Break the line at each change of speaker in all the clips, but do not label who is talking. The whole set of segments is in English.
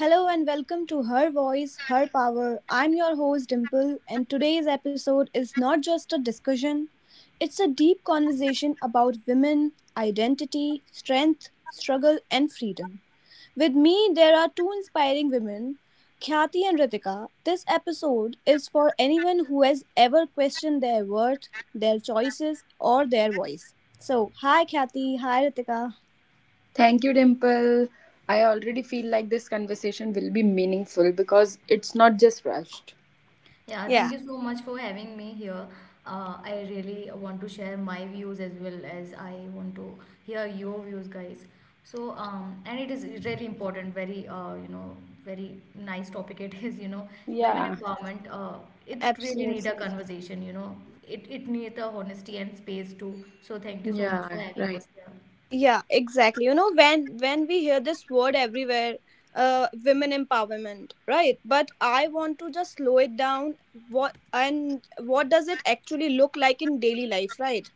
Hello and welcome to Her Voice, Her Power. I'm your host Dimple, and today's episode is not just a discussion, it's a deep conversation about women, identity, strength, struggle, and freedom. With me, there are two inspiring women, Khyati and Ritika. This episode is for anyone who has ever questioned their worth, their choices, or their voice. So, hi Khyati, hi Ritika.
Thank you, Dimple. I already feel like this conversation will be meaningful because it's not just rushed.
Yeah, thank
Yeah,
you so much for having me here. I really want to share my views as well as I want to hear your views, guys. And it is really important, very, very nice topic it is, you know, women
Yeah.
empowerment. It really need a
absolutely.
conversation, you know, it needs a honesty and space too. So, thank you so much for
Yeah,
having
right.
us here.
Yeah, exactly, you know, when we hear this word everywhere, women empowerment, right? But I want to just slow it down. What, and what does it actually look like in daily life? Right,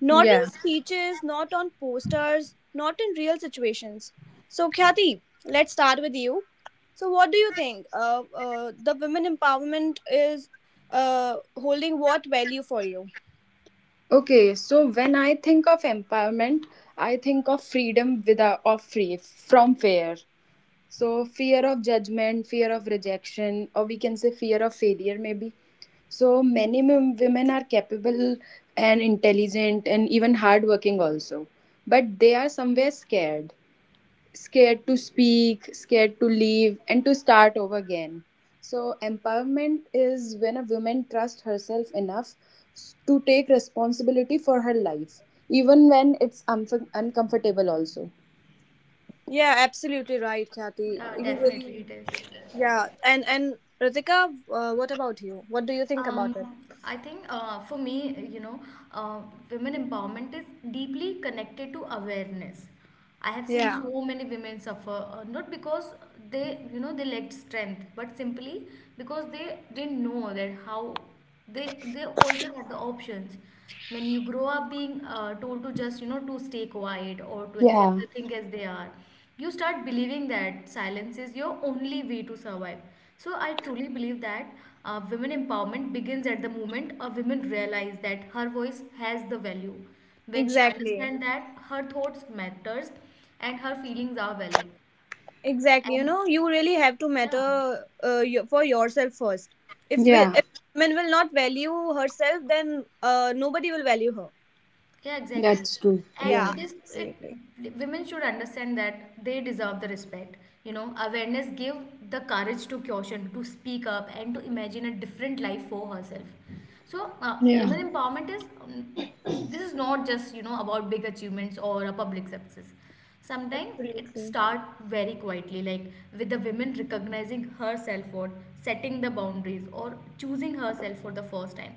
not in
Yeah.
speeches, not on posters, not in real situations. So Khyati, let's start with you. So what do you think, the women empowerment is holding what value for you?
Okay. So when I think of empowerment, I think of freedom without of free from fear. So fear of judgment, fear of rejection, or we can say fear of failure, maybe. So many women are capable and intelligent and even hardworking also, but they are somewhere scared scared to speak, scared to leave, and to start over again. So, empowerment is when a woman trusts herself enough to take responsibility for her life, even when it's uncomfortable, also.
Yeah, absolutely right, Khyati.
Yeah,
You really —
definitely it is.
yeah, and Ritika, what about you? What do you think about
Um,
it?
I think for me, you know, uh, women empowerment is deeply connected to awareness. I have seen
Yeah,
so many women suffer, not because they lacked strength, but simply because they didn't know that how they also had the options. When you grow up being told to just, you know, to stay quiet or to accept
Yeah,
the thing as they are, you start believing that silence is your only way to survive. So I truly believe that women empowerment begins at the moment a woman realize that her voice has the value, when she
exactly.
understands that her thoughts matters and her feelings are valid
Exactly. You
and
know, you really have to
yeah.
matter, you, for yourself first. If, we,
yeah,
if women will not value herself, then nobody will value her.
Yeah, exactly.
that's true.
And
Yeah.
Yeah,
it is
absolutely.
it, Women should understand that they deserve the respect. You know, awareness give the courage to caution, to speak up, and to imagine a different life for herself. So,
Yeah.
women empowerment is, this is not just, you know, about big achievements or a public success. Sometimes it
Absolutely.
start very quietly, like with the women recognizing her self worth, setting the boundaries, or choosing herself for the first time.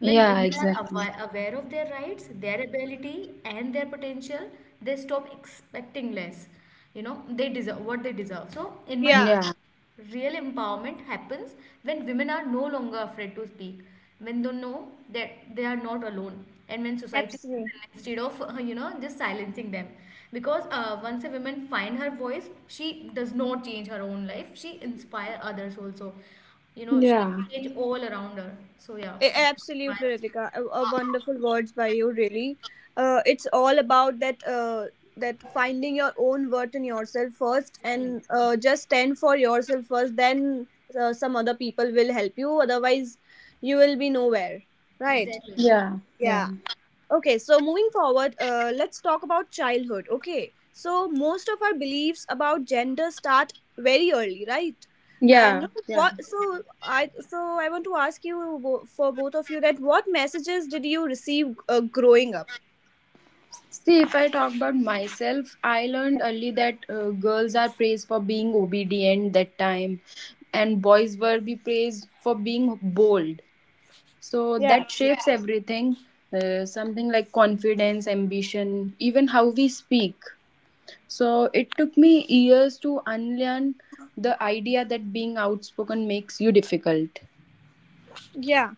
When
Yeah,
women are
exactly.
aware of their rights, their ability, and their potential, they stop expecting less. You know, they deserve what they deserve. So, in my
Yeah,
Yeah,
Real empowerment happens when women are no longer afraid to speak, when they know that they are not alone, and when society
absolutely.
instead of you know, just silencing them. Because once a woman find her voice, she does not change her own life, she inspire others also, you know, she
Yeah.
change all around her. So yeah, that's my
Absolutely, Ritika.
perspective.
A wonderful words by you, really. It's all about that. That finding your own worth in yourself first,
Exactly.
and just stand for yourself first. Then some other people will help you. Otherwise, you will be nowhere. Right?
Exactly.
Yeah, yeah,
Yeah. Okay, so moving forward, let's talk about childhood. Okay, so most of our beliefs about gender start very early, right? And
yeah, yeah.
what? So I want to ask you for both of you, that what messages did you receive, growing up?
See, if I talk about myself, I learned early that girls are praised for being obedient that time, and boys were be praised for being bold. So
Yeah,
that shapes
absolutely.
everything. Something like confidence, ambition, even how we speak. So it took me years to unlearn the idea that being outspoken makes you difficult.
Yeah,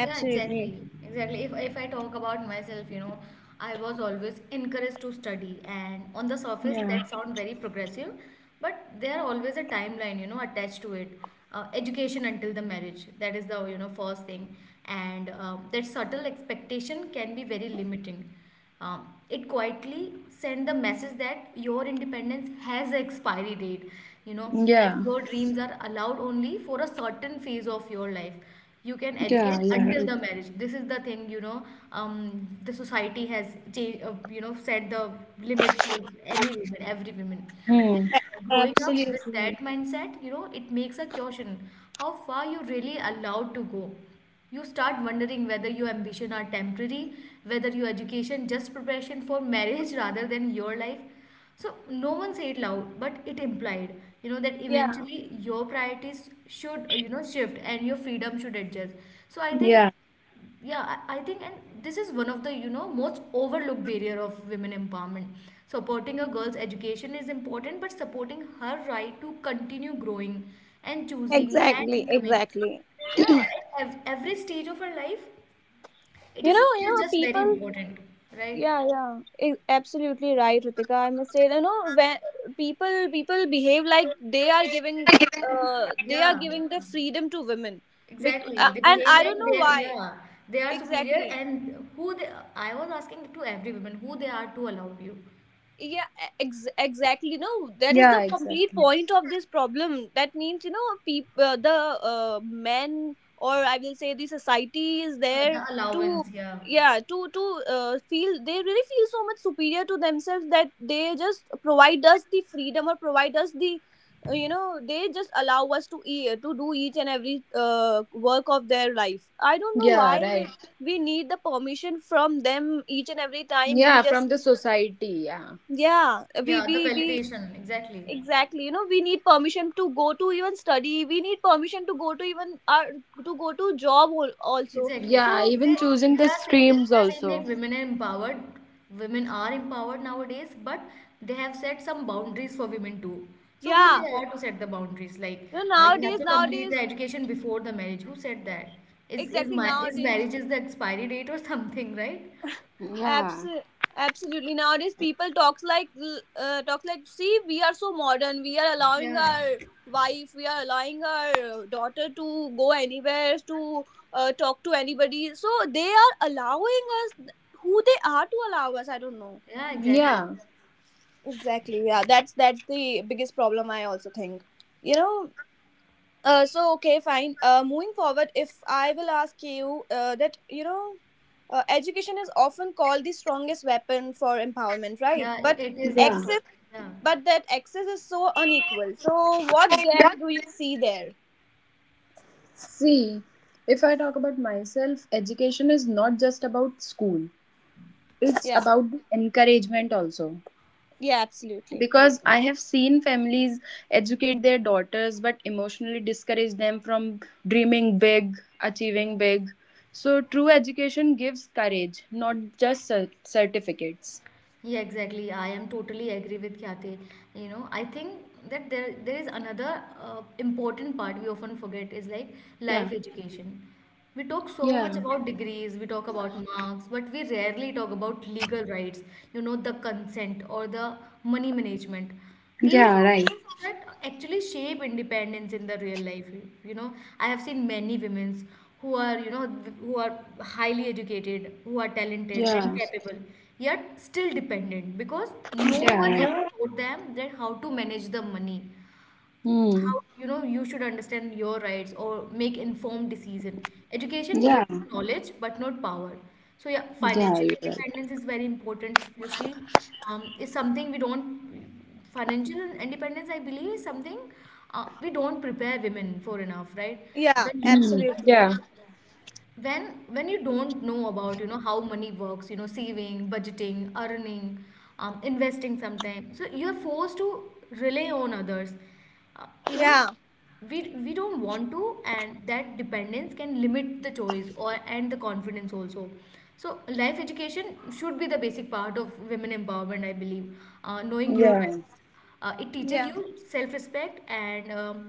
Yeah, exactly. Exactly. If I talk about myself, you know, I was always encouraged to study, and on the surface,
Yeah.
that sound very progressive, but there are always a timeline, you know, attached to it. Education until the marriage, that is the, you know, first thing. And That subtle expectation can be very limiting. It quietly send the message that your independence has an expiry date, you know, that
Yeah.
your dreams are allowed only for a certain phase of your life. You can
Yeah.
educate
Yeah,
until
right.
the marriage, this is the thing, you know. The society has changed, you know, set the limit for any woman, every woman.
Hmm.
And
A-
growing up with
Absolutely.
that mindset, you know, it makes a question how far you really allowed to go. You start wondering whether your ambition are temporary, whether your education just preparation for marriage rather than your life. So no one said loud, but it implied, you know, that
Yeah.
eventually your priorities should, you know, shift and your freedom should adjust. So I think,
Yeah.
yeah, I think, and this is one of the, you know, most overlooked barrier of women empowerment. Supporting a girl's education is important, but supporting her right to continue growing and choosing and
Exactly,
becoming,
exactly.
yeah, at every stage of her life, it
You
is, it
know,
is just very
people —
important, right?
yeah, yeah, absolutely right, Ritika. I must say, you know, when people behave like they are
Yeah.
giving the freedom to women.
Exactly. They
And
behave
I
like
don't know
they,
why.
yeah, they are superior
Exactly.
and who they, I was asking to every woman, who they are to allow you.
Yeah, exactly. No, that is the
Yeah.
complete
Exactly.
point of this problem. That means, you know, the men, or I will say the society is there
The
to —
allowance, yeah.
yeah, to feel, they really feel so much superior to themselves that they just provide us the freedom or provide us the, you know, they just allow us to do each and every work of their life. I don't know
Yeah.
why
Right.
we need the permission from them each and every time we
Yeah,
just —
from the society. Yeah.
yeah, we
Yeah, the
we we
validation, exactly.
exactly, you know, we need permission to go to even study, we need permission to go to even, to go to job, also.
Exactly.
Yeah,
So
If they
even
if
choosing
they
the
are saying, if
streams
they are saying that
also.
women are empowered nowadays, but they have set some boundaries for women too. So who
yeah,
they
Yeah.
are to set the boundaries? Like
you know,
you have
nowadays,
to complete the education before the marriage. Who said that? Is is
exactly,
my is
nowadays,
marriage is the expiry date or something, right?
Yeah.
abs- absolutely, nowadays people talks like, talks like, see, we are so modern, we are allowing
Yeah.
our wife, we are allowing our daughter to go anywhere to, talk to anybody, so they are allowing us. Who they are to allow us? I don't know.
Yeah, exactly.
Yeah.
Exactly. Yeah, that's the biggest problem I also think. You know, so okay, fine. Moving forward, if I will ask you, that, you know, education is often called the strongest weapon for empowerment, right?
Yeah, it,
But
it is the
Yeah.
story.
access —
Yeah.
but that access is so unequal. So what gap do you see there?
See, if I talk about myself, education is not just about school, it's
Yeah.
about the encouragement also.
Yeah. Absolutely.
Because I have seen families educate their daughters but emotionally discourage them from dreaming big, achieving big. So, true education gives courage, not just certificates.
Yeah, exactly. I am totally agree with Khyati. You know, I think that there is another important part we often forget is like
Yeah.
life education. We talk so
Yeah.
much about degrees, we talk about marks, but we rarely talk about legal rights, you know, the consent or the money management. These
Yeah,
are
right.
That actually shape independence in the real life, you know. I have seen many women who are, you know, who are highly educated, who are talented and
Yeah.
capable, yet still dependent because no
Yeah,
one ever
right.
taught them that how to manage the money, how,
Mm.
you know, you should understand your rights or make informed decision. Education gives
Yeah.
knowledge but not power. So yeah,
Yeah,
financial
you're right.
independence is very important. Especially is something we don't financial independence I believe is something we don't prepare women for enough, right?
Yeah.
when you
Mm.
Absolutely.
Yeah.
when when you don't know about, you know, how money works, you know, saving, budgeting, earning, investing sometimes, so you are forced to rely on others, even
Yeah.
we don't want to, and that dependence can limit the choice or and the confidence also. So life education should be the basic part of women empowerment, I believe. Knowing your
Yeah.
rights, it teaches
Yeah.
you self-respect, and um,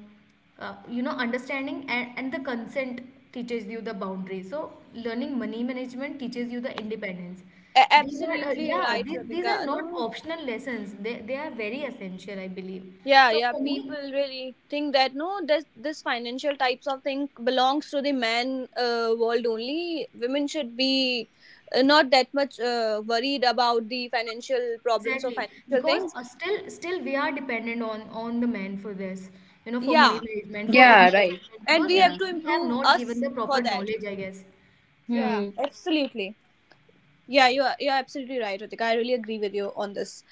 uh, you know, understanding and the consent teaches you the boundaries, so learning money management teaches you the independence. These are,
Absolutely
yeah,
right,
these are
Ritika.
not
No,
optional lessons, they are very essential, I believe.
yeah,
So
yeah.
for me,
People really think that no, this financial types of thing belongs to the man world only. Women should be, not that much worried about the financial problems or
exactly,
financial
because
things.
still we are dependent on the man for this, you know, for money
Yeah,
management, for
Yeah, right.
investment,
and
because
we have
Yeah.
to
we have
improve
not given
us
the
for
proper
that.
knowledge, I guess. Yeah,
Yeah,
Hmm.
absolutely. Yeah, you're absolutely right, Ritika. I really agree with you on this.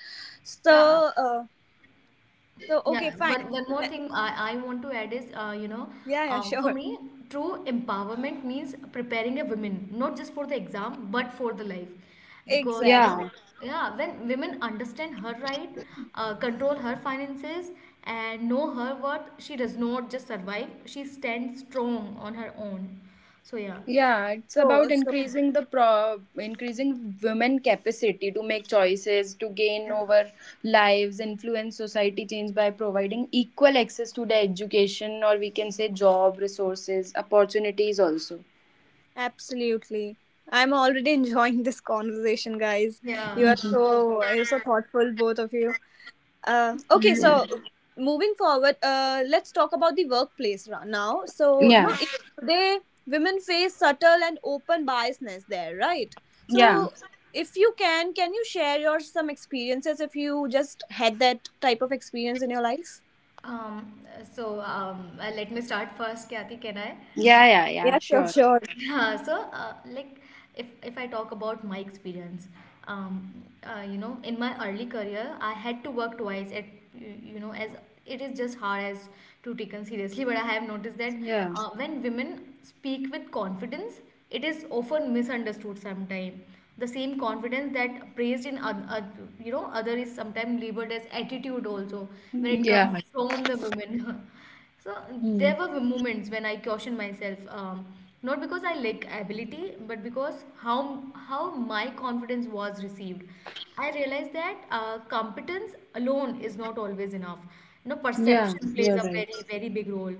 yeah.
So, so okay,
Yeah,
fine.
one more
Le-
thing I want to add is, you know,
Yeah, yeah,
for
sure.
me, true empowerment means preparing a woman, not just for the exam, but for the life. Because, you know,
Exactly.
Yeah.
yeah, when women understand her right, control her finances, and know her worth, she does not just survive, she stands strong on her own. So, yeah.
Yeah, it's
So,
about
so
increasing the pro increasing women capacity to make choices, to gain
Yeah.
over lives, influence society change by providing equal access to the education or we can say job resources, opportunities also.
Absolutely. I'm already enjoying this conversation, guys.
Yeah.
Hmm.
You're so thoughtful, both of you. Okay,
Yeah.
so moving forward, let's talk about the workplace now. So, no,
Yeah.
today women face subtle and open biasness there, right?
Yeah.
So, if you can you share your some experiences if you just had that type of experience in your life?
Um, Let me start first, Kyati, can I?
Yeah, yeah, yeah,
Yeah, sure,
sure.
sure.
Yeah, so like if I talk about my experience, um, you know, in my early career, I had to work twice at, you know, as it is just hard as to taken seriously. But I have noticed that
Yeah.
when women speak with confidence, it is often misunderstood sometimes. The same confidence that praised in you know, other is sometimes labeled as attitude also when
Mm.
it comes
Yeah.
from the women. So
Hmm.
there were moments when I cautioned myself, not because I lack ability, but because how my confidence was received. I realized that competence alone is not always enough. You know,
Yeah,
perception plays
you're
a
right.
very very big role,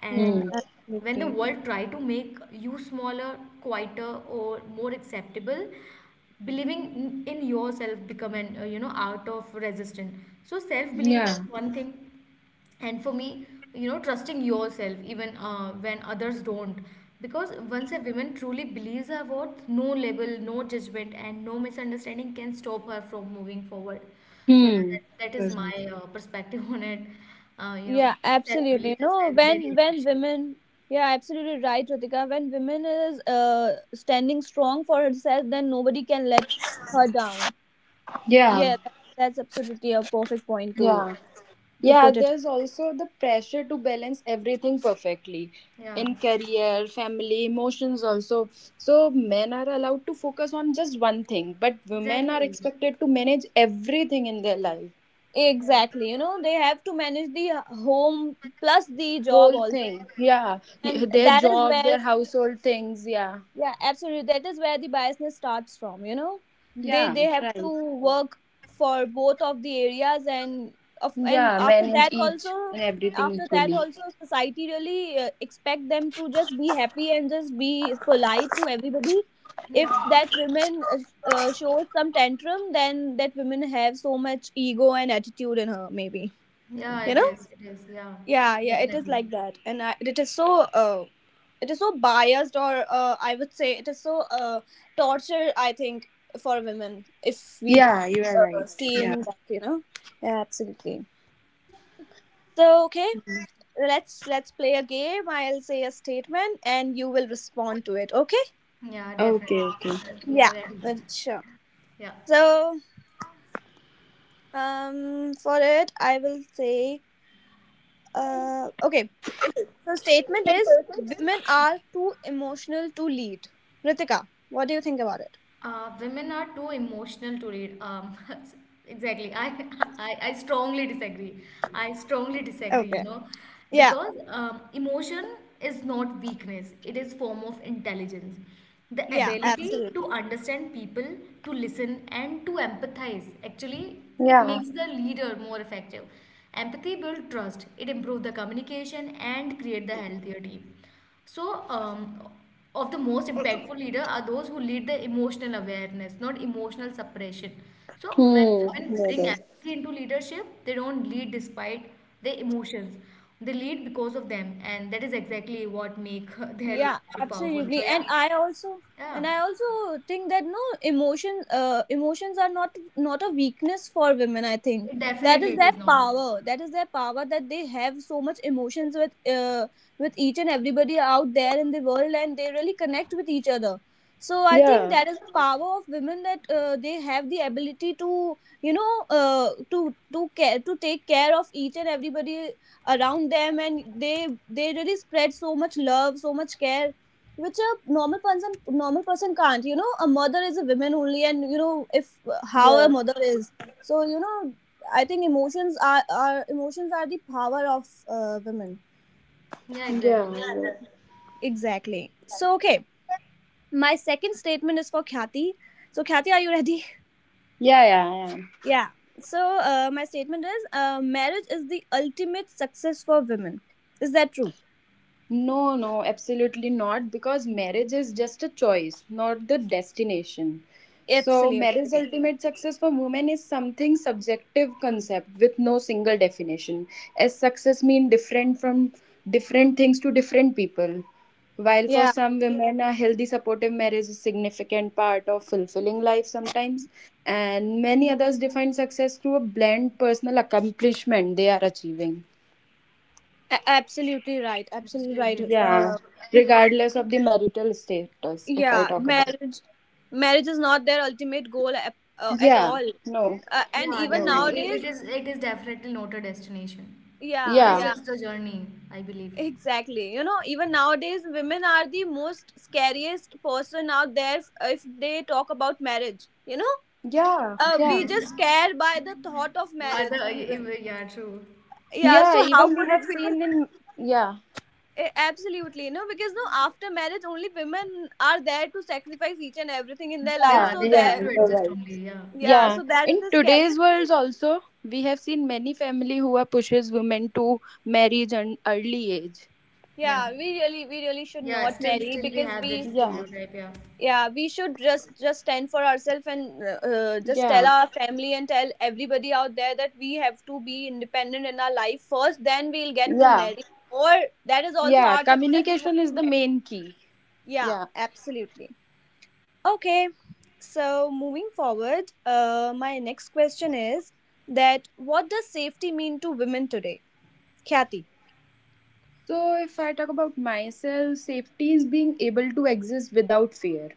and
Yeah,
Hmm.
when the
absolutely.
world try to make you smaller, quieter, or more acceptable, believing in yourself become an you know, out of resistance. So self belief
Yeah.
is one thing, and for me, you know, trusting yourself even when others don't, because once a woman truly believes her worth, no label, no judgment, and no misunderstanding can stop her from moving forward. So yeah,
Hmm.
that
You're
is my
right.
perspective on it. You know,
Yeah, absolutely.
self-belief is
No,
very, very
when
essential.
women — yeah, absolutely right, Ritika. When women is standing strong for herself, then nobody can let her down.
Yeah.
Yeah, that's absolutely a perfect point to
Yeah. Yeah,
put it.
there's also the pressure to balance everything perfectly
Yeah,
in career, family, emotions also. So men are allowed to focus on just one thing, but women are
exactly.
expected to manage everything in their life.
Yeah.
Exactly. You know, they have to manage the home plus the job
Whole
also,
thing. Yeah.
and
Their
that is
job,
where —
their household things, yeah.
yeah, absolutely, that is where the biasness starts from, you know. they
Yeah,
they have to
right.
work for both of the areas, and of and
Yeah,
after
manage
that
each
also
and everything
after that
equally.
also society really expect them to just be happy and just be polite to everybody. If
Yeah.
that women shows some tantrum, then that women have so much ego and attitude in her, maybe,
Yeah,
you
it
know.
is, it is, yeah.
Yeah, yeah, it is
Definitely.
like that, and it is so biased, or I would say it is so, torture. I think for women, if we
Yeah, you are right.
see
Yeah.
in that, you know, yeah, absolutely. So okay, let's play a game. I'll say a statement, and you will respond to it. Okay?
Yeah, definitely.
Okay, okay.
We are
Yeah,
ready.
sure.
Yeah.
So, for it, I will say, okay. So statement is, women are too emotional to lead. Ritika, what do you think about it?
Women are too emotional to read. Exactly. I strongly disagree. I strongly disagree, you
Okay.
know,
Yeah.
because emotion is not weakness. It is form of intelligence. The
Yeah.
ability to
Absolutely.
understand people, to listen, and to empathize. Actually, it
Yeah.
makes the leader more effective. Empathy builds trust. It improves the communication and create the healthier team. So, of the most impactful leader are those who lead the emotional awareness, not emotional suppression. So, when
Hmm.
women
No
bring
way.
empathy into leadership, they don't lead despite their emotions. They lead because of them, and that is exactly what make their
Yeah,
leadership powerful. So,
absolutely.
yeah,
And i also
yeah,
and i also think that no, emotions are not a weakness for women. I think
it definitely it is not.
that is their power, that they have so much emotions with, uh, with each and everybody out there in the world, and they really connect with each other. So I think
Yeah.
that is the power of women, that they have the ability to, you know, uh, to to take care of each and everybody around them, and they really spread so much love, so much care, which a normal person can't, you know. A mother is a woman only, and you know, if how a
Yeah.
mother is. So you know, I think emotions are the power of women.
Yeah,
Yeah.
exactly.
Yeah.
Exactly. So okay, my second statement is for Khyati. So Khyati, are you ready?
Yeah. Yeah. I am.
Yeah. So, my statement is, marriage is the ultimate success for women. Is that true?
No, no, absolutely not. Because marriage is just a choice, not the destination. So, marriage
Absolutely.
ultimate success for women is something subjective concept with no single definition. As success mean different from different things to different people. While for
Yeah.
some women, a healthy, supportive marriage is significant part of fulfilling life sometimes, and many others define success through a blend personal accomplishment they are achieving.
Absolutely right, absolutely right.
Absolutely true.
Yeah,
uh,
regardless of the marital status, if I
yeah,
talk about.
marriage is not their ultimate goal at, at
Yeah,
all.
no,
And
Yeah,
even
no,
definitely.
no.
nowadays,
It is definitely not a destination.
yeah,
It is
Yeah,
yeah,
just a journey, I believe.
exactly, you know, even nowadays women are the most scariest person out there. If they talk about marriage, you know,
yeah,
we
yeah,
just scare by the thought of marriage
Mother,
even.
yeah, true.
Yeah,
yeah.
so how
Even we
could
have
it be?
seen in yeah,
Absolutely, you know, because no, after marriage only women are there to sacrifice each and everything in their life,
Yeah,
yeah,
so
they
yeah.
have to
there.
You're
adjust
right.
only. Yeah,
Yeah,
Yeah,
so that is
in
the
today's
scariest
world
thing.
also, we have seen many family who are pushes women to marriage and early age.
yeah,
Yeah, we really should
yeah.
not marry
We
because
have that
we —
Yeah,
stereotype. Yeah,
yeah, we should just stand for ourselves and, just tell
yeah,
our family and tell everybody out there that we have to be independent in our life first, then we'll get to
yeah,
marry. Or that is also
yeah.
our choice that we want
Communication is
to
the
marry.
main key.
Yeah,
Yeah.
absolutely. Okay, so moving forward, my next question is, that what does safety mean to women today? Kathy.
So, if I talk about myself, safety is being able to exist without fear.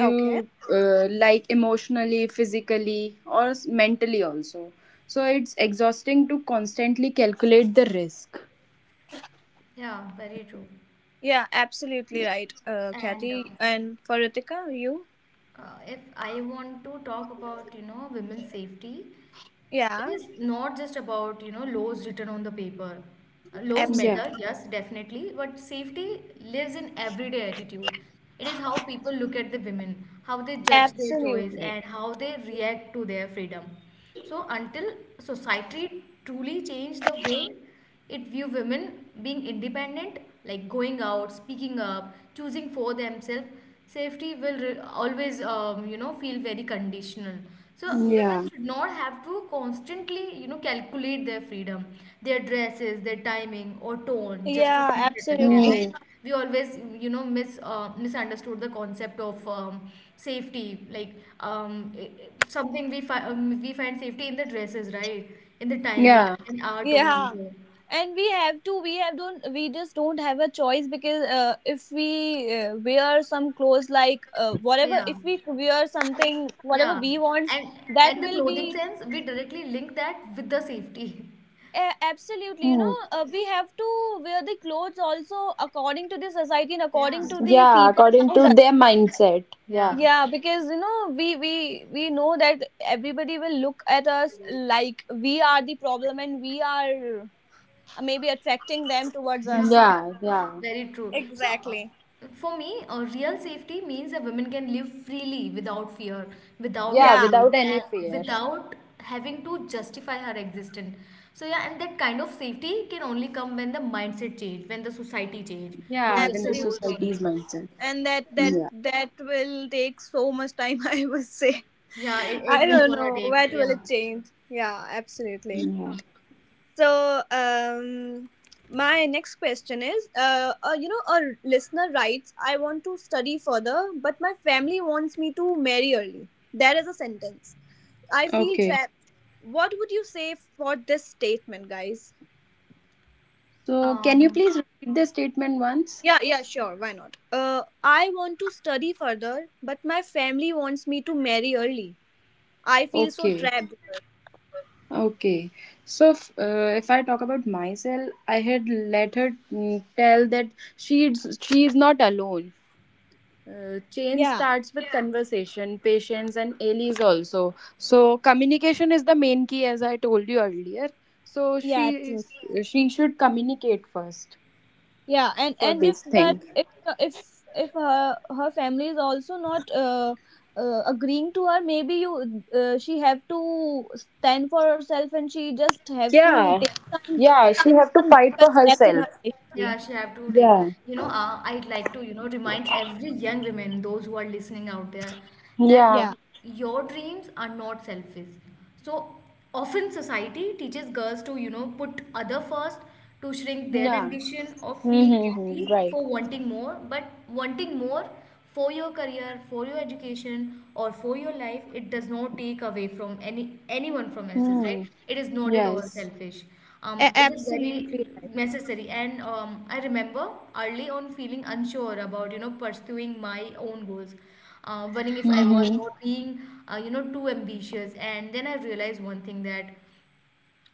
Okay.
Like emotionally, physically, or mentally also. So, it's exhausting to constantly calculate the risk.
yeah, very true.
Yeah, absolutely right,
And
Kathy. And for Ritika, you?
if I want to talk about, you know, women's safety,
Yeah,
it is not just about, you know, laws written on the paper. Laws
absolutely.
Yeah.
matter, yes, definitely, but safety lives in everyday attitude. It is how people look at the women, how they judge their choice,
Absolutely.
and how they react to their freedom. So until society truly change the way it view women being independent, like going out, speaking up, choosing for themselves. Safety will always feel very conditional. So women
Yeah.
should not have to constantly calculate their freedom, their dresses, their timing or tone, just to
Yeah,
feel protected,
Hmm.
absolutely.
right? We always misunderstood the concept of safety, like something we we find safety in the dresses, right, in the timing,
Yeah.
in our tone
Yeah.
also.
And we have to, we have don't, we just don't have a choice because, if we wear some clothes like, whatever,
Yeah,
if we wear something, whatever
yeah.
we want,
And
that
the
will
clothing
be,
sense, we directly link that with the safety.
absolutely, you
Hmm.
know, we have to wear the clothes also according to the society and
Yeah,
according to the
Yeah,
people
according
around
to
us.
their mindset. Yeah.
yeah,
Yeah, because you know, we know that everybody will look at us like we are the problem, and we are, maybe attracting them towards
yeah.
us.
Yeah. Yeah.
Very true. So
Exactly.
for me, real safety means that women can live freely without fear, without
Yeah,
any
Yeah,
guilt,
without any
and
fear.
without having to justify her existence. So yeah, and that kind of safety can only come when the mindset change, when the society change, not
Yeah,
just
when
the
the
rules
absolutely.
society's
only.
mindset.
And
Yeah.
that will take so much time I must say.
Yeah, it
I
will
don't
gonna
know
take,
what will
yeah.
it change. Yeah, absolutely. So, my next question is, you know, a listener writes, "I want to study further, but my family wants me to marry early." There is a sentence. I feel
Okay.
trapped. What would you say for this statement, guys?
So, can you
Um,
please repeat the statement once?
Yeah, yeah, sure. Why not? I want to study further, but my family wants me to marry early. I feel so
Okay,
trapped.
okay. So, if I talk about myself, I had let her tell that she is not alone. Change
Yeah,
starts with conversation, patience, and allies also. So, communication is the main key, as I told you earlier. So,
yeah,
is- she should communicate first
yeah, and
for
and if
this
that
thing.
if if her family is also not agreeing to her, maybe you she have to stand for herself, and she just have to
Yeah, yeah. She
take
have to
some
fight for
difficult steps in
herself.
her life maybe.
Yeah, she have to take.
Yeah,
You know, I'd like to, you know, remind every young women, those who are listening out there, that
yeah,
Yeah,
your dreams are not selfish. So often society teaches girls to, you know, put other first, to shrink their
yeah.
ambition or feel
Mm-hmm.
guilty
Right.
for wanting more. But wanting more for your career, for your education, or for your life, it does not take away from anyone from else's, right?
Mm.
It is not at all
Yes.
selfish. It is very
absolutely right.
necessary, and I remember early on feeling unsure about, you know, pursuing my own goals, wondering if I was
Mm-hmm.
not being you know, too ambitious. And then I realized one thing, that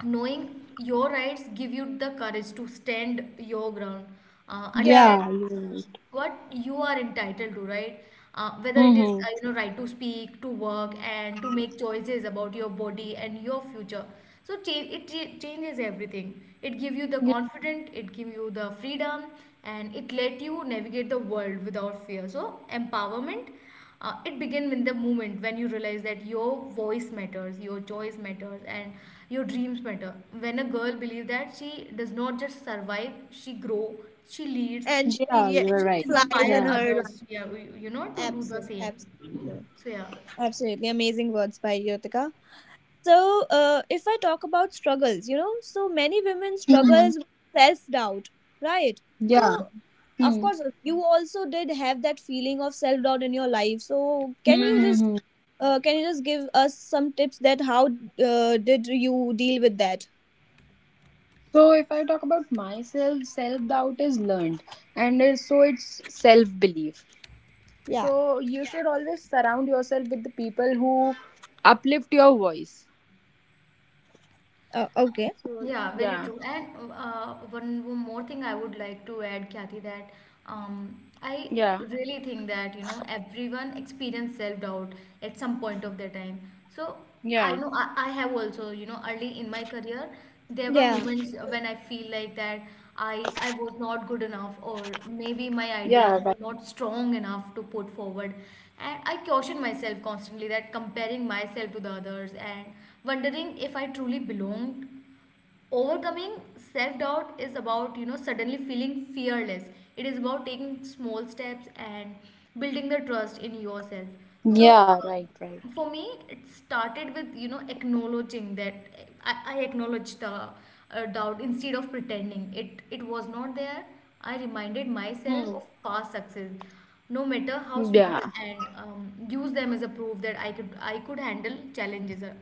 knowing your rights give you the courage to stand your ground, understand
Yeah,
Yeah, you're right.
what you are entitled to, right? Whether it is
Mm-hmm.
you know, right to speak, to work, and to make choices about your body and your future. So changes everything. It gives you the
Yeah.
confidence, it gives you the freedom, and it let you navigate the world without fear. So empowerment, it begins in the moment when you realize that your voice matters, your choice matters, and your dreams matter. When a girl believes that, she does not just survive, she grow, she leads,
Yeah,
and
you're
should
she
right.
flies
inspire
in
Yeah.
her life.
others, yeah, we, you know, to do the
Absolutely,
same.
absolutely.
So yeah.
Absolutely amazing words by Yotika. So, if I talk about struggles, you know, so many women
Mm-hmm.
struggles with self doubt, right? So
Yeah.
of
Mm.
course you also did have that feeling of self doubt in your life, so can you just
Mm-hmm.
can you just give us some tips that how did you deal with that?
So if I talk about myself, self doubt is learned, and it's self belief.
Yeah.
So you Yeah. should always surround yourself with the people who uplift your voice.
Okay.
So
Yeah, very
yeah,
true. And one more thing I would like to add, Kathy, that I
yeah,
really think that, you know, everyone experience self-doubt at some point of their time. So I
yeah,
know I have also, you know, early in my career, there were
Yeah,
moments when I feel like that I was not good enough, or maybe my ideas
yeah, right.
were not strong enough to put forward, and I caution myself constantly, that comparing myself to the others and wondering if I truly belonged. Overcoming self-doubt is about, you know, suddenly feeling fearless. It is about taking small steps and building the trust in yourself. So
Yeah, right, right.
for me, it started with, you know, acknowledging that I acknowledged the doubt instead of pretending it was not there. I reminded
Hmm.
myself of past success, no matter how small,
Yeah.
and use them as a proof that I could handle challenges.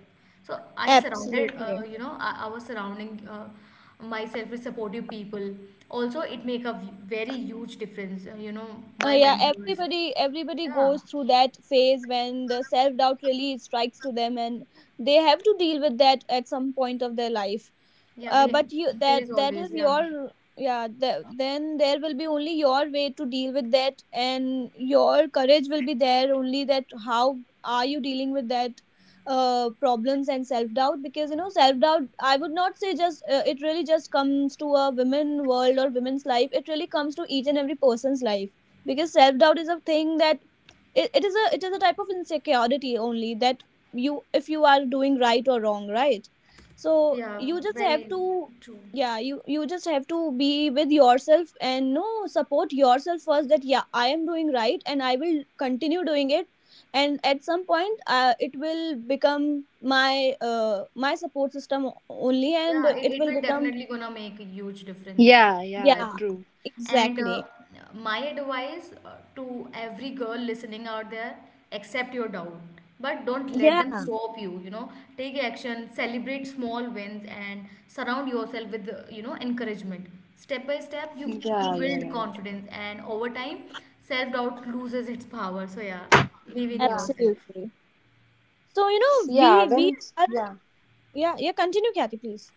So I surrounded,
absolutely.
you know, I was surrounding myself with supportive people. Also, it make a very huge difference. You know, my
Yeah,
mentors.
everybody
Yeah,
goes through that phase when the self doubt really strikes to them, and they have to deal with that at some point of their life.
yeah.
uh,
We
but you
there
that
is
that is
always, yeah,
your, yeah, the, then there will be only your way to deal with that, and your courage will be there only, that how are you dealing with that problems and self doubt. Because you know, self doubt, I would not say just it really just comes to a women world or women's life, it really comes to each and every person's life. Because self doubt is a thing that it is a type of insecurity only, that you, if you are doing right or wrong, right? So
yeah.
you just have
Very
to,
true.
yeah, you just have to be with yourself and no, support yourself first, that yeah, I am doing right and I will continue doing it. And at some point, it will become my my support system only, and
Yeah, it,
it
it
will
will
become,
definitely gonna make a huge difference,
Yeah,
I
yeah,
yeah,
believe.
true.
And
exactly,
my advice to every girl listening out there, accept your doubt, but don't let them
yeah,
stop you, you know. Take action, celebrate small wins, and surround yourself with, you know, encouragement. Step by step, you
Yeah, you're
build
right.
confidence, and over time, self-doubt loses its power. So yeah, believe in
Yeah,
yourself.
absolutely. So you know,
yeah,
we
when
are
yeah.
yeah, yeah, continue Kathy, please.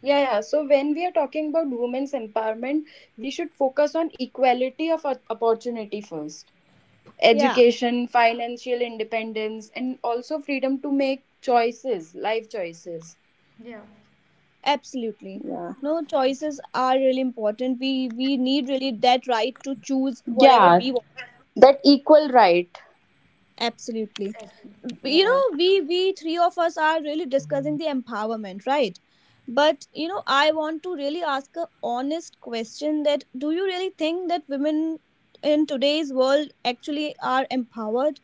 Yeah, yeah. So when we are talking about women's empowerment, we should focus on equality of opportunity first.
Yeah,
Education, financial independence, and also freedom to make choices, life choices.
Yeah,
absolutely.
Yeah.
No, choices are really important. We need really that right to choose whatever
Yeah,
we want.
that equal right.
Absolutely.
exactly.
You
Yeah.
know, we three of us are really discussing the empowerment, right? But you know, I want to really ask a honest question, that do you really think that women in today's world actually are empowered,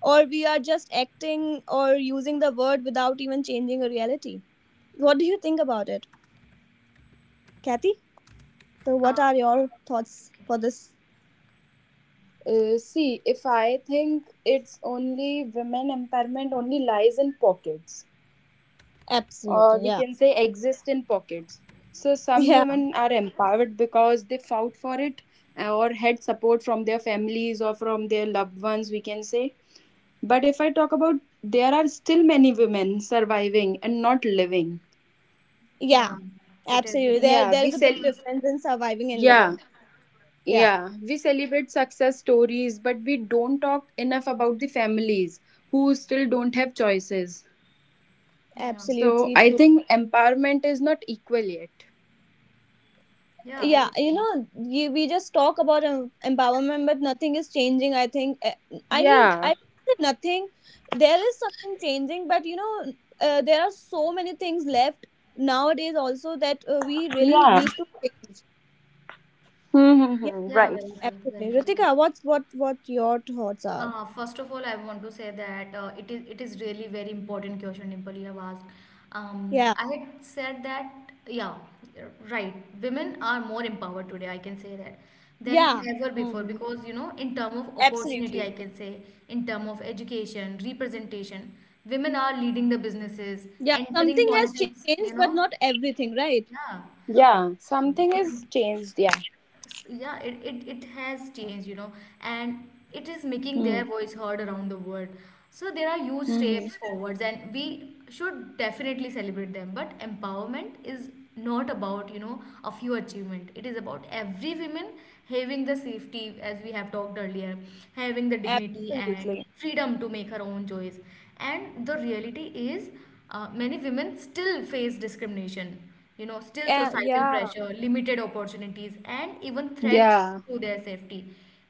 or we are just acting or using the word without even changing a reality? What do you think about it, Kathy? So, what
Um,
are your thoughts
okay.
for this?
See, if I think it's only women empowerment only lies in pockets. Or
Absolutely,
we
yeah.
can say exist in pockets. So some
Yeah,
women are empowered because they fought for it or had support from their families or from their loved ones, we can say. But if I talk about there are still many women surviving and not living.
yeah,
Yeah, it is,
absolutely.
it is.
Yeah,
There
we
is a big
sell
difference in surviving and
yeah,
living. Yeah,
yeah. We celebrate success stories, but we don't talk enough about the families who still don't have choices.
Yeah,
So
absolutely
I
true.
think empowerment is not equal yet.
yeah,
Yeah,
very
you
true.
know, we just talk about empowerment, but nothing is changing, I think. I
Yeah,
said nothing. There is something changing, but you know, there are so many things left nowadays also that we really
yeah.
need to change. Yeah,
Mm-hmm.
Yeah,
Right.
very true,
absolutely.
very true.
Ritika, what your thoughts are?
First of all, I want to say that it is really very important question, Dimple, you have asked.
Yeah.
I had said that, yeah, you're right. Women are more empowered today. I can say that than
Yeah,
ever before,
Mm-hmm.
because, you know, in term of opportunity,
absolutely.
I can say, in term of education, representation, women are leading the businesses,
Yeah,
entering
something has
politics.
changed, but
You
not
know,
everything, right?
Yeah, something
yeah.
has changed. Yeah.
Yeah, it has changed, you know, and it is making their voice heard around the world. So there are huge
Mm-hmm.
steps forwards, and we should definitely celebrate them, but empowerment is not about, you know, a few achievement. It is about every woman having the safety, as we have talked earlier, having the dignity and
Absolutely.
freedom to make her own choice. And the reality is, many women still face discrimination, you know, still societal
Yeah.
pressure, limited opportunities, and even threats
Yeah.
to their safety.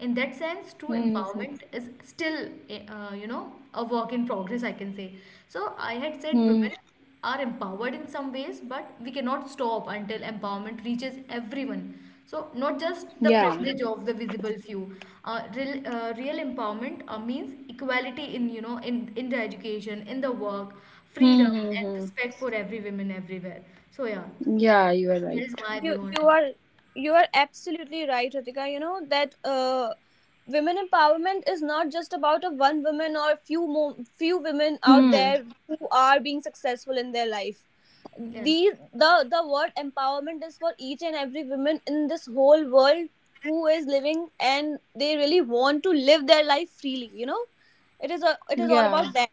In that sense, true
Mm-hmm.
empowerment is still you know, a work in progress, I can say. So I had said women
Mm-hmm.
are empowered in some ways, but we cannot stop until empowerment reaches everyone. So, not just the
Yeah.
privilege of the visible few. Real empowerment means equality in, you know, in the education, in the work, freedom and
Mm-hmm.
respect for every woman everywhere. So yeah,
Yeah, you are
that
right.
is my
You
view on it.
you are absolutely right, Ritika. You know that, uh, women empowerment is not just about a one woman or few women out
Hmm.
there who are being successful in their life.
Yes.
The word empowerment is for each and every woman in this whole world who is living, and they really want to live their life freely, you know? It is all about
Yeah.
that.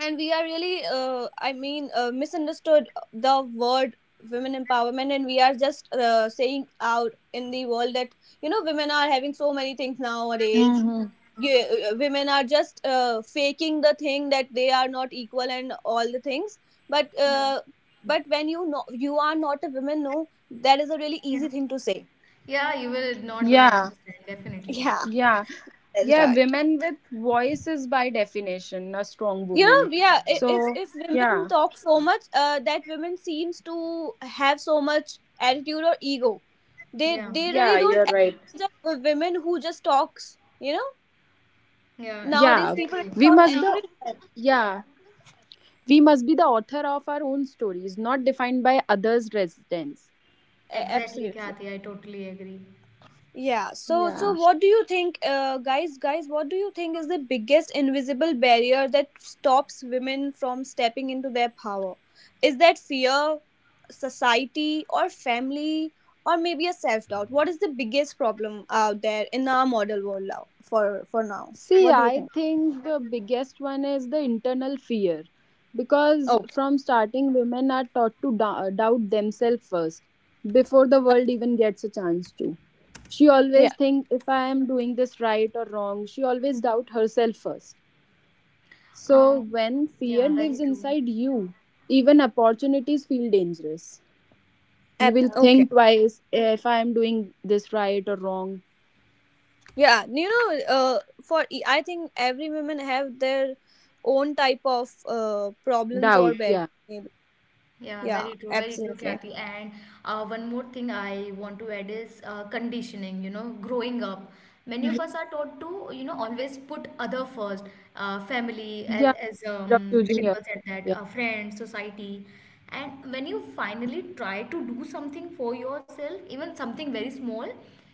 And we are really misunderstood the word women empowerment, and we are just saying out in the world that, you know, women are having so many things nowadays.
Mm-hmm.
Yeah, women are just faking the thing that they are not equal and all the things. but
Yeah.
uh, but when you know you are not a woman, no, that is a really
Yeah.
easy thing to say.
Yeah, you will not gonna
Yeah.
understand definitely.
yeah,
Yeah.
that's
Yeah.
right.
Women with voices by definition, a strong
You
woman.
know, yeah,
So,
if women
yeah.
talk so much, that women seems to have so much attitude or ego, they
Yeah.
they
Yeah,
really don't
you're right.
encourage a women who just talks, you know.
Yeah.
Nowadays
Yeah.
people
Exactly.
really
We
don't
must the
encourage that.
Yeah. We must be the author of our own stories, not defined by others' residence.
Exactly,
Absolutely.
Kathy. I totally agree.
Yeah. So, so
Yeah.
what do you think, guys, what do you think is the biggest invisible barrier that stops women from stepping into their power? Is that fear, society or family, or maybe a self-doubt? What is the biggest problem out there in our model world now, for now?
See,
What do you
I
think?
think the biggest one is the internal fear because
Okay.
from starting, women are taught to doubt themselves first before the
Uh,
world even gets a chance to. She always
yeah.
think if I am doing this right or wrong. She always doubt herself first. So
Um.
when fear
Yeah. Very
lives
true.
inside you, even opportunities feel dangerous. You
Yeah.
will
Okay.
think twice if I am doing this right or wrong.
Yeah, you know, I think every woman have their own type of problems or
Doubt.
barriers.
Yeah.
Yeah,
Yeah,
very true,
absolutely.
Kathy. And one more thing I want to add is conditioning, you know, growing up. Many of us are taught to, you know, always put other first, family, as,
Yeah.
as
Fear of
um,
choosing
Dimple said that,
yourself.
friends, society. And when you finally try to do something for yourself, even something very small,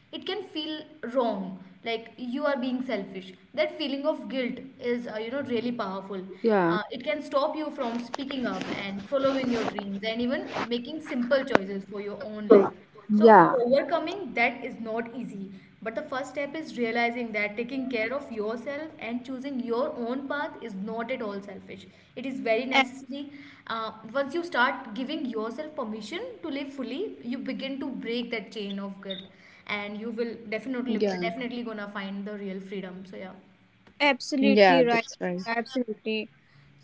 it can feel wrong, like you are being selfish. That feeling of guilt is you know, really powerful.
Yeah.
It can stop you from speaking up and following your dreams and even making simple choices for your own life. So
Yeah.
overcoming that is not easy, but the first step is realizing that taking care of yourself and choosing your own path is not at all selfish. It is very
A-
necessary. Once you start giving yourself permission to live fully, you begin to break that chain of guilt, and you will
Yeah,
definitely gonna find the real freedom. So yeah,
yeah,
Absolutely right.
that's right.
Absolutely.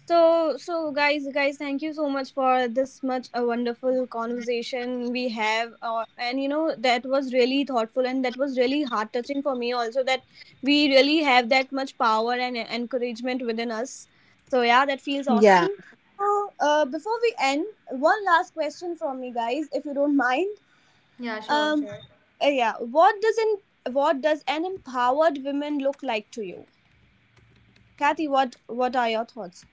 So, so guys, thank you so much for this much a wonderful conversation we have, and you know, that was really thoughtful, and that was really heart touching for me also, that we really have that much power and encouragement within us. So yeah, that feels
Yeah,
awesome. So, before we end, one last question from me, guys, if you don't mind.
yeah, sure,
Um,
sure.
yeah. What does not What does an empowered woman look like to you, Kathy? What are your thoughts?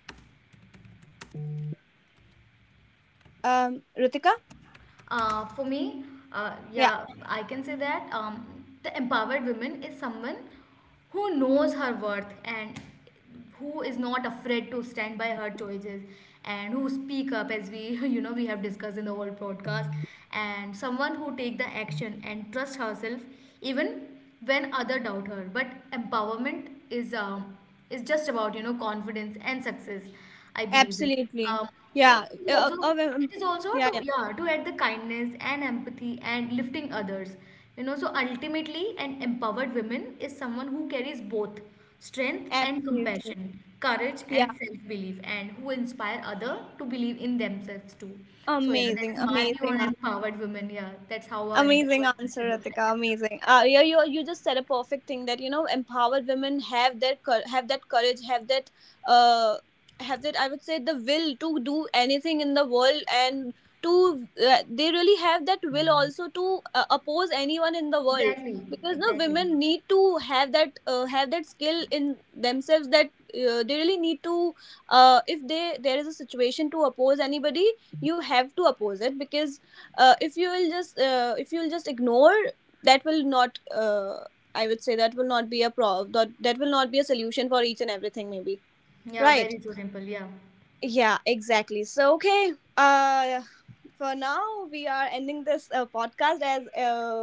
Ritika.
For me,
Yeah,
yeah, I can say that, the empowered woman is someone who knows her worth, and who is not afraid to stand by her choices, and who speak up, as we you know, we have discussed in the whole podcast, and someone who take the action and trust herself, even when other doubt her. But empowerment is just about, you know, confidence and success, I believe that.
absolutely.
um,
Yeah.
it is also,
Yeah,
to,
yeah.
yeah, to add the kindness and empathy and lifting others, you know. So ultimately, an empowered woman is someone who carries both strength and
Absolutely.
compassion, courage
Yeah.
and self-belief, and who inspire other to believe in themselves too. So yeah, that
Amazing,
is my view
amazing.
on empowered women. Yeah, that's how a
Amazing
empowered woman
answer,
should look
Ratika.
like.
Amazing. Yeah, you, you just said a perfect thing, that you know, empowered women have have that courage, have that, uh, have that, I would say, the will to do anything in the world, and to, they really have that will. Mhm. Also to, oppose anyone in the world,
Exactly,
because no
exactly.
women need to have that skill in themselves, that they really need to, if they there is a situation to oppose anybody, you have to oppose it. Because if you will just ignore, that will not, I would say, that, that will not be a solution for each and everything, maybe,
Yeah,
right?
very true, Dimple. Yeah.
Yeah, exactly. So okay, uh, for now, we are ending this, podcast, as,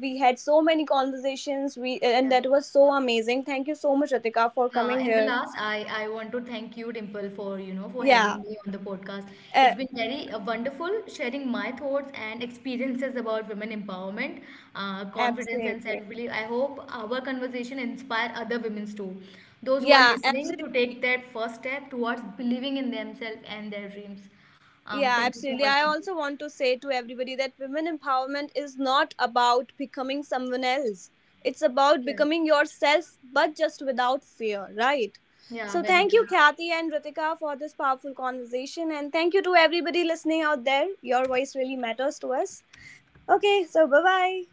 we had so many conversations, we
Yeah.
and that was so amazing. Thank you so much, Ratika, for coming
In the
here.
last, I want to thank you, Dimple, for, you know, for having
Yeah.
me on the podcast. It's
Uh,
been very wonderful, sharing my thoughts and experiences about women empowerment, confidence, and
absolutely.
self-belief. I hope our conversation inspire other women too, those who are
Yeah,
listening,
absolutely.
to take that first step towards believing in themselves and their dreams.
Yeah,
Thank you so
absolutely.
much,
I
Dimple.
also want to say to everybody that women empowerment is not about becoming someone else. It's about
Yeah.
becoming yourself, but just without fear, right?
Yeah,
So,
very
thank you,
true.
Kathy and Ritika, for this powerful conversation. And thank you to everybody listening out there. Your voice really matters to us. Okay, so bye bye.